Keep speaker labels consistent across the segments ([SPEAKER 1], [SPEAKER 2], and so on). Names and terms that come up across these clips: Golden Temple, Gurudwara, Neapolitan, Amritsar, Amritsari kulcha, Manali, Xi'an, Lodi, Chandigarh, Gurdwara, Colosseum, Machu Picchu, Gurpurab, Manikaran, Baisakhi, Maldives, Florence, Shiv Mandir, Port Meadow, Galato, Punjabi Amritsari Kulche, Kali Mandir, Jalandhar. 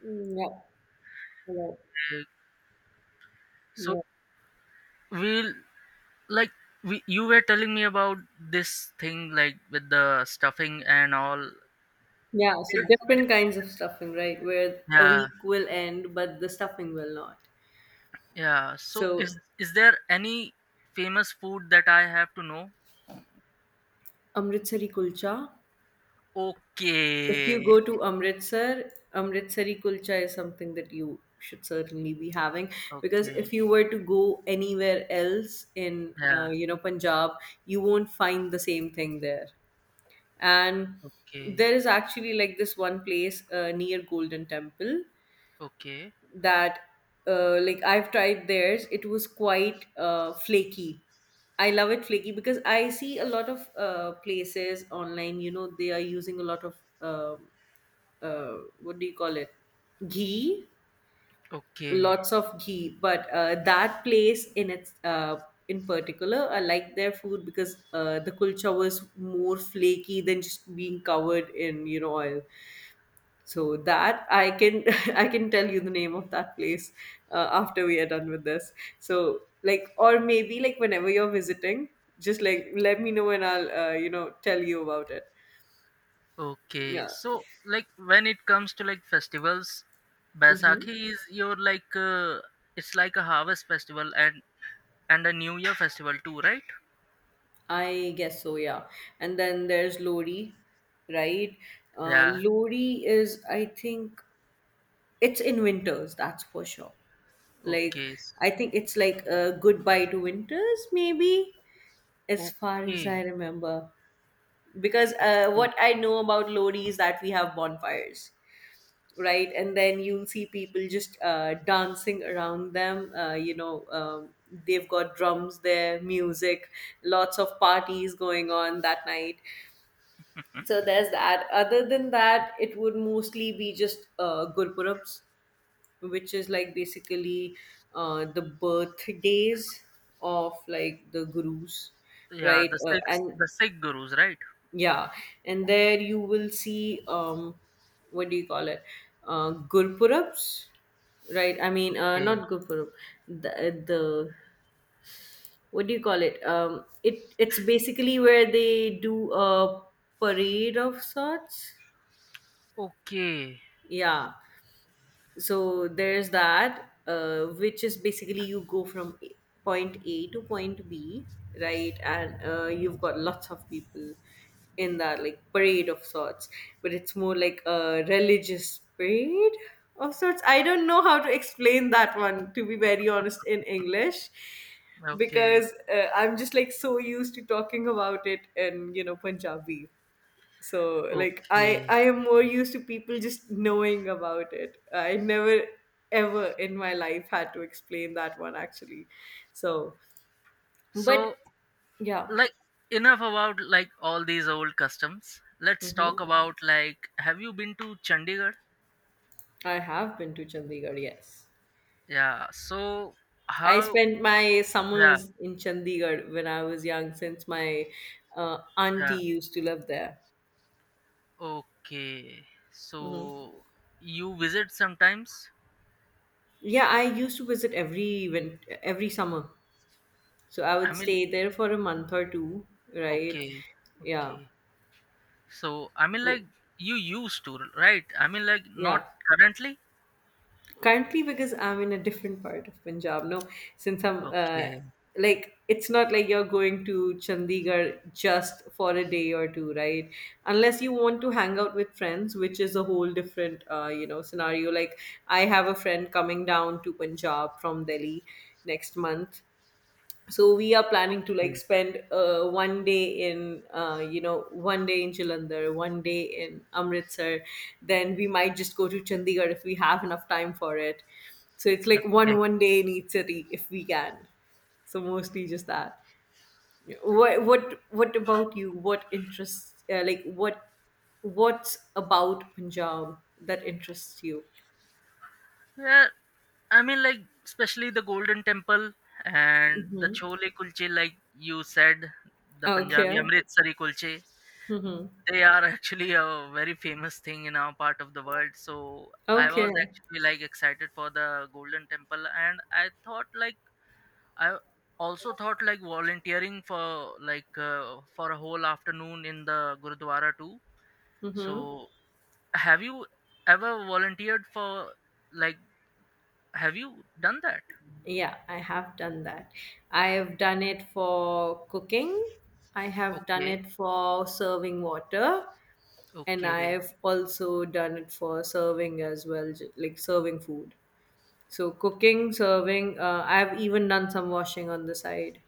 [SPEAKER 1] Mm, Yeah, yeah,
[SPEAKER 2] So
[SPEAKER 1] yeah.
[SPEAKER 2] we'll like you were telling me about this thing like with the stuffing and all.
[SPEAKER 1] Yeah,
[SPEAKER 2] Yeah.
[SPEAKER 1] so different kinds of stuffing, right? Where a
[SPEAKER 2] Yeah,
[SPEAKER 1] week will end, but the stuffing will not.
[SPEAKER 2] yeah. So
[SPEAKER 1] So,
[SPEAKER 2] is there any famous food that I have to know?
[SPEAKER 1] Amritsari kulcha. If you
[SPEAKER 2] Okay.
[SPEAKER 1] go to Amritsar, Amritsari kulcha is something that you should certainly be having because
[SPEAKER 2] Okay.
[SPEAKER 1] if you were to go anywhere else in,
[SPEAKER 2] Yeah.
[SPEAKER 1] you know, Punjab, you won't find the same thing there. And
[SPEAKER 2] Okay.
[SPEAKER 1] there is actually like this one place near Golden Temple
[SPEAKER 2] Okay.
[SPEAKER 1] that like I've tried theirs. It was quite flaky. I love it flaky because I see a lot of places online. You know, they are using a lot of uh, what do you call it? Ghee,
[SPEAKER 2] Okay.
[SPEAKER 1] lots of ghee. But that place in its in particular, I like their food because the kulcha was more flaky than just being covered in you know oil so that I can I can tell you the name of that place after we are done with this, so like or maybe like whenever you're visiting, just like let me know and I'll, you know, tell you about it.
[SPEAKER 2] Okay.
[SPEAKER 1] Yeah.
[SPEAKER 2] So like when it comes to like festivals,
[SPEAKER 1] Mm-hmm.
[SPEAKER 2] Baisakhi is your like it's like a harvest festival and a New Year festival too, right?
[SPEAKER 1] I guess so, yeah. And then there's lori, right?
[SPEAKER 2] Yeah.
[SPEAKER 1] Lori is, I think, it's in winters, that's for sure. Like,
[SPEAKER 2] Okay.
[SPEAKER 1] I think it's like a goodbye to winters, maybe, as far as
[SPEAKER 2] Okay.
[SPEAKER 1] I remember. Because
[SPEAKER 2] Okay.
[SPEAKER 1] what I know about Lodi is that we have bonfires, right? And then you'll see people just dancing around them. They've got drums there, music, lots of parties going on that night. So there's that. Other than that, it would mostly be just Gurpurabs, which is like basically the birthdays of like the gurus,
[SPEAKER 2] Yeah,
[SPEAKER 1] right?
[SPEAKER 2] the six
[SPEAKER 1] And
[SPEAKER 2] the Sikh gurus, right?
[SPEAKER 1] yeah, and there you will see what do you call it? Gurpurabs, right? I mean,
[SPEAKER 2] Okay.
[SPEAKER 1] not Gurpurab. The what do you call it? It's basically where they do a parade of sorts.
[SPEAKER 2] Okay.
[SPEAKER 1] Yeah, so there's that, which is basically you go from point a to point b, right? And you've got lots of people in that like parade of sorts, but it's more like a religious parade of sorts. I don't know how to explain that one, to be very honest, in English,
[SPEAKER 2] Okay.
[SPEAKER 1] because I'm just like so used to talking about it in, you know, Punjabi. So like i
[SPEAKER 2] Okay.
[SPEAKER 1] i am more used to people just knowing about it. I never ever in my life had to explain that one, actually. So, but
[SPEAKER 2] So
[SPEAKER 1] yeah.
[SPEAKER 2] like enough about like all these old customs. Let's talk
[SPEAKER 1] Hmm.
[SPEAKER 2] about like have you been to Chandigarh?
[SPEAKER 1] I have been to Chandigarh, yes.
[SPEAKER 2] Yeah. So
[SPEAKER 1] I
[SPEAKER 2] how
[SPEAKER 1] spent my
[SPEAKER 2] yeah,
[SPEAKER 1] summers in Chandigarh when I was young, since my
[SPEAKER 2] yeah.
[SPEAKER 1] auntie used to live there.
[SPEAKER 2] Okay. So you visit sometimes?
[SPEAKER 1] Yeah, I used to visit every event, every summer, so I
[SPEAKER 2] I
[SPEAKER 1] would
[SPEAKER 2] mean,
[SPEAKER 1] stay there for a month or two, right?
[SPEAKER 2] okay.
[SPEAKER 1] Yeah.
[SPEAKER 2] Okay. So, I mean,
[SPEAKER 1] Oh,
[SPEAKER 2] like, you used to, right? I mean, like, not
[SPEAKER 1] yeah,
[SPEAKER 2] currently?
[SPEAKER 1] currently because I'm in a different part of Punjab, no, since I'm,
[SPEAKER 2] Okay.
[SPEAKER 1] like it's not like you're going to Chandigarh just for a day or two, right? Unless you want to hang out with friends, which is a whole different, you know, scenario. Like, I have a friend coming down to Punjab from Delhi next month, so we are planning to
[SPEAKER 2] Okay.
[SPEAKER 1] like spend, one day in, you know, one day in Jalandhar, one day in Amritsar. Then we might just go to Chandigarh if we have enough time for it. So it's like
[SPEAKER 2] Okay.
[SPEAKER 1] one day in each city if we can. So mostly just that. What about you? What interests, like what, what's about Punjab that interests you?
[SPEAKER 2] Yeah, I mean, like, especially the Golden Temple and the
[SPEAKER 1] Hmm.
[SPEAKER 2] Chole Kulche, like you said, the
[SPEAKER 1] Okay.
[SPEAKER 2] Punjabi Amritsari Kulche,
[SPEAKER 1] Hmm.
[SPEAKER 2] they are actually a very famous thing in our part of the world. So I was
[SPEAKER 1] Okay.
[SPEAKER 2] actually like excited for the Golden Temple, and I also thought like volunteering for like for a whole afternoon in the Gurudwara too.
[SPEAKER 1] Hmm.
[SPEAKER 2] So have you ever volunteered for like have you done that?
[SPEAKER 1] Yeah, I have done that. I have done it for cooking. I have done
[SPEAKER 2] Okay,
[SPEAKER 1] it for serving water, and
[SPEAKER 2] okay,
[SPEAKER 1] I've also done it for serving as well, like serving food. So cooking, serving, I've even done some washing on the side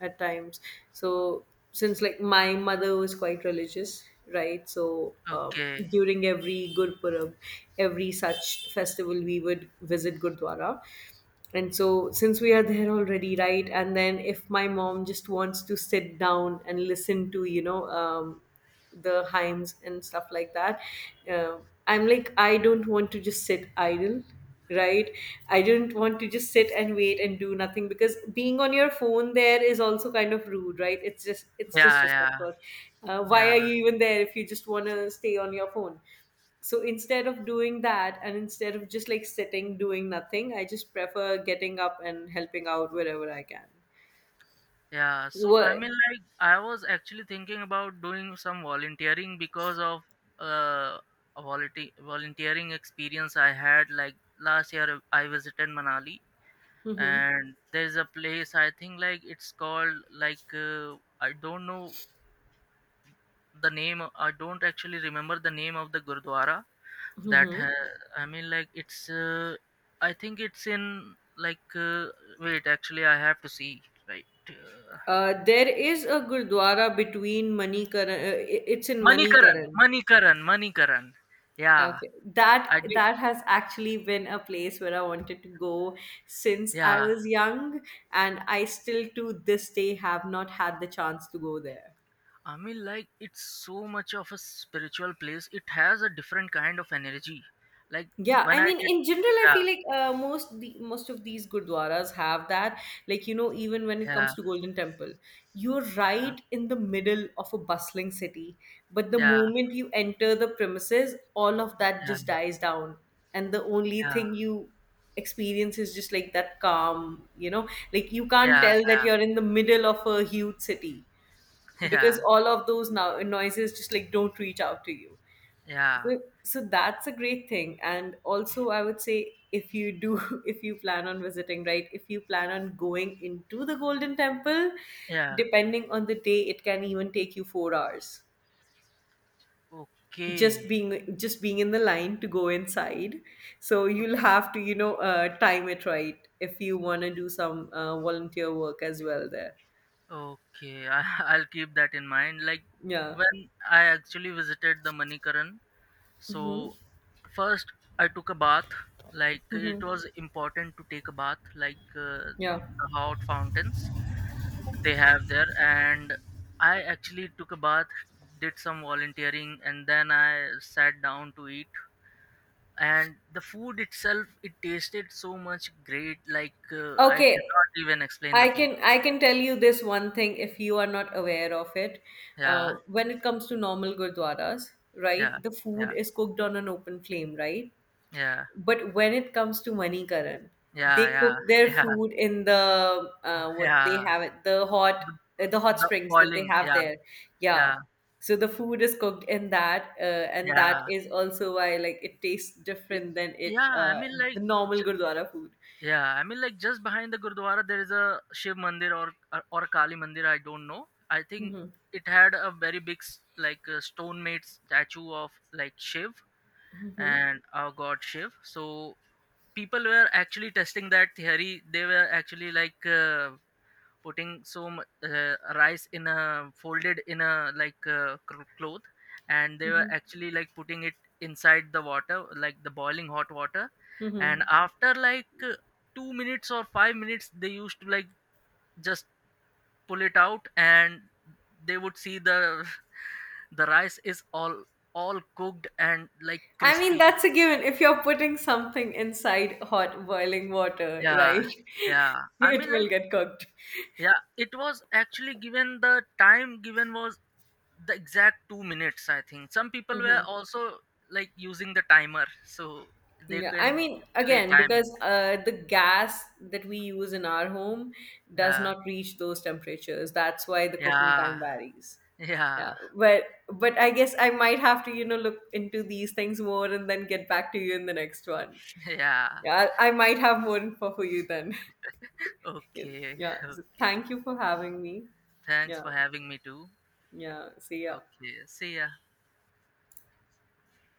[SPEAKER 1] at times. So since like my mother was quite religious, right?
[SPEAKER 2] okay.
[SPEAKER 1] During every Gurpurab, every such festival, we would visit Gurdwara. And so since we are there already, right? And then if my mom just wants to sit down and listen to, you know, the hymns and stuff like that, uh, I'm like, I don't want to just sit idle, right? I don't want to just sit and wait and do nothing, because being on your phone there is also kind of rude, right? It's just, it's
[SPEAKER 2] Yeah,
[SPEAKER 1] disrespectful.
[SPEAKER 2] yeah,
[SPEAKER 1] Why
[SPEAKER 2] yeah,
[SPEAKER 1] are you even there if you just want to stay on your phone? So instead of doing that and instead of just like sitting doing nothing, I just prefer getting up and helping out wherever I can.
[SPEAKER 2] yeah. So I mean
[SPEAKER 1] What?
[SPEAKER 2] like I was actually thinking about doing some volunteering because of uh a volunteering experience I had like last year. I visited Manali
[SPEAKER 1] Hmm.
[SPEAKER 2] and there's a place, I think, like it's called like, I don't actually remember the name of the gurdwara that
[SPEAKER 1] Hmm.
[SPEAKER 2] I mean, like, it's I think it's in, like, wait, actually I have to see. Right,
[SPEAKER 1] There is a gurdwara between Manikaran. It's in
[SPEAKER 2] Manikaran,
[SPEAKER 1] Manikaran.
[SPEAKER 2] Manikaran, Manikaran. Yeah,
[SPEAKER 1] Okay,
[SPEAKER 2] I
[SPEAKER 1] that,
[SPEAKER 2] did.
[SPEAKER 1] that has actually been a place where I wanted to go since I
[SPEAKER 2] Yeah,
[SPEAKER 1] was young, and I still to this day have not had the chance to go there.
[SPEAKER 2] I mean, like, it's so much of a spiritual place, it has a different kind of energy, like
[SPEAKER 1] Yeah,
[SPEAKER 2] when
[SPEAKER 1] I
[SPEAKER 2] I
[SPEAKER 1] mean,
[SPEAKER 2] did
[SPEAKER 1] in general, I
[SPEAKER 2] yeah,
[SPEAKER 1] feel like most the, most of these gurdwaras have that. Like you know, even when it
[SPEAKER 2] yeah,
[SPEAKER 1] comes to Golden Temple, you're
[SPEAKER 2] yeah,
[SPEAKER 1] right in the middle of a bustling city, but the
[SPEAKER 2] yeah.
[SPEAKER 1] moment you enter the premises, all of that
[SPEAKER 2] Yeah,
[SPEAKER 1] just dies down, and the only
[SPEAKER 2] yeah,
[SPEAKER 1] thing you experience is just like that calm. You know, like you can't
[SPEAKER 2] yeah,
[SPEAKER 1] tell that you're in the middle of a huge city
[SPEAKER 2] yeah,
[SPEAKER 1] because
[SPEAKER 2] yeah,
[SPEAKER 1] all of those now noises just like don't reach out to you.
[SPEAKER 2] yeah,
[SPEAKER 1] So that's a great thing. And also I would say, if you do if you plan on visiting, right, if you plan on going into the Golden Temple,
[SPEAKER 2] yeah.
[SPEAKER 1] depending on the day it can even take you 4 hours,
[SPEAKER 2] Okay,
[SPEAKER 1] just being just being in the line to go inside. So you'll
[SPEAKER 2] okay,
[SPEAKER 1] have to, you know, time it right if you want to do some, volunteer work as well there.
[SPEAKER 2] okay. I, I'll keep that in mind. Like
[SPEAKER 1] Yeah.
[SPEAKER 2] when I actually visited the Manikaran,
[SPEAKER 1] Mm-hmm.
[SPEAKER 2] so first I took a bath. Like it
[SPEAKER 1] Mm-hmm.
[SPEAKER 2] was important to take a bath, like
[SPEAKER 1] Yeah.
[SPEAKER 2] the hot fountains they have there, and I actually took a bath, did some volunteering, and then I sat down to eat. And the food itself, it tasted so much great, like I
[SPEAKER 1] Okay.
[SPEAKER 2] cannot even explain the
[SPEAKER 1] I can,
[SPEAKER 2] feeling.
[SPEAKER 1] I can tell you this one thing if you are not aware of it.
[SPEAKER 2] Yeah,
[SPEAKER 1] When it comes to normal gurdwaras,
[SPEAKER 2] yeah,
[SPEAKER 1] right, the food
[SPEAKER 2] yeah,
[SPEAKER 1] is cooked on an open flame, right?
[SPEAKER 2] yeah,
[SPEAKER 1] But when it comes to Manikaran,
[SPEAKER 2] yeah,
[SPEAKER 1] they
[SPEAKER 2] yeah,
[SPEAKER 1] cook their
[SPEAKER 2] yeah,
[SPEAKER 1] food in the, what they
[SPEAKER 2] yeah,
[SPEAKER 1] have it, the hot,
[SPEAKER 2] the,
[SPEAKER 1] the hot
[SPEAKER 2] the
[SPEAKER 1] springs that they
[SPEAKER 2] boiling,
[SPEAKER 1] have
[SPEAKER 2] yeah,
[SPEAKER 1] there. Yeah.
[SPEAKER 2] yeah,
[SPEAKER 1] So the food is cooked in that, and that
[SPEAKER 2] yeah.
[SPEAKER 1] is also why like it tastes
[SPEAKER 2] I-
[SPEAKER 1] different than it,
[SPEAKER 2] yeah i mean like
[SPEAKER 1] the normal
[SPEAKER 2] j-
[SPEAKER 1] gurdwara food.
[SPEAKER 2] yeah, I mean, like, just behind the gurdwara there is a shiv mandir or kali mandir, I don't know. I think
[SPEAKER 1] Hmm.
[SPEAKER 2] it had a very big like a stone made statue of like Shiv,
[SPEAKER 1] Hmm.
[SPEAKER 2] and our god Shiv. So people were actually testing that theory. They were actually, like, putting some rice in a folded, in a like cr- cloth, and they were
[SPEAKER 1] Hmm.
[SPEAKER 2] actually like putting it inside the water, like the boiling hot water. And
[SPEAKER 1] Hmm.
[SPEAKER 2] after like 2 minutes or 5 minutes they used to, like, just pull it out, and they would see the the rice is all cooked and like
[SPEAKER 1] I mean,
[SPEAKER 2] crispy.
[SPEAKER 1] that's a given. If you're putting something inside hot boiling water,
[SPEAKER 2] Yeah,
[SPEAKER 1] right,
[SPEAKER 2] yeah, I mean,
[SPEAKER 1] it
[SPEAKER 2] like,
[SPEAKER 1] will get cooked.
[SPEAKER 2] yeah, it was actually given, the time given was the exact 2 minutes, I think. Some people
[SPEAKER 1] Hmm.
[SPEAKER 2] were also like using the timer so they
[SPEAKER 1] Yeah, I
[SPEAKER 2] can
[SPEAKER 1] mean,
[SPEAKER 2] actually
[SPEAKER 1] again,
[SPEAKER 2] time it.
[SPEAKER 1] because the gas that we use in our home does
[SPEAKER 2] Yeah,
[SPEAKER 1] not reach those temperatures. That's why the cooking time
[SPEAKER 2] yeah,
[SPEAKER 1] varies. Yeah,
[SPEAKER 2] yeah,
[SPEAKER 1] but I guess I might have to, you know, look into these things more and then get back to you in the next one.
[SPEAKER 2] yeah.
[SPEAKER 1] Yeah, I might have more info for you then.
[SPEAKER 2] Okay,
[SPEAKER 1] Yeah, so
[SPEAKER 2] okay.
[SPEAKER 1] thank you for having me.
[SPEAKER 2] Thanks
[SPEAKER 1] Yeah.
[SPEAKER 2] for having me too.
[SPEAKER 1] Yeah, see ya.
[SPEAKER 2] Okay, see ya.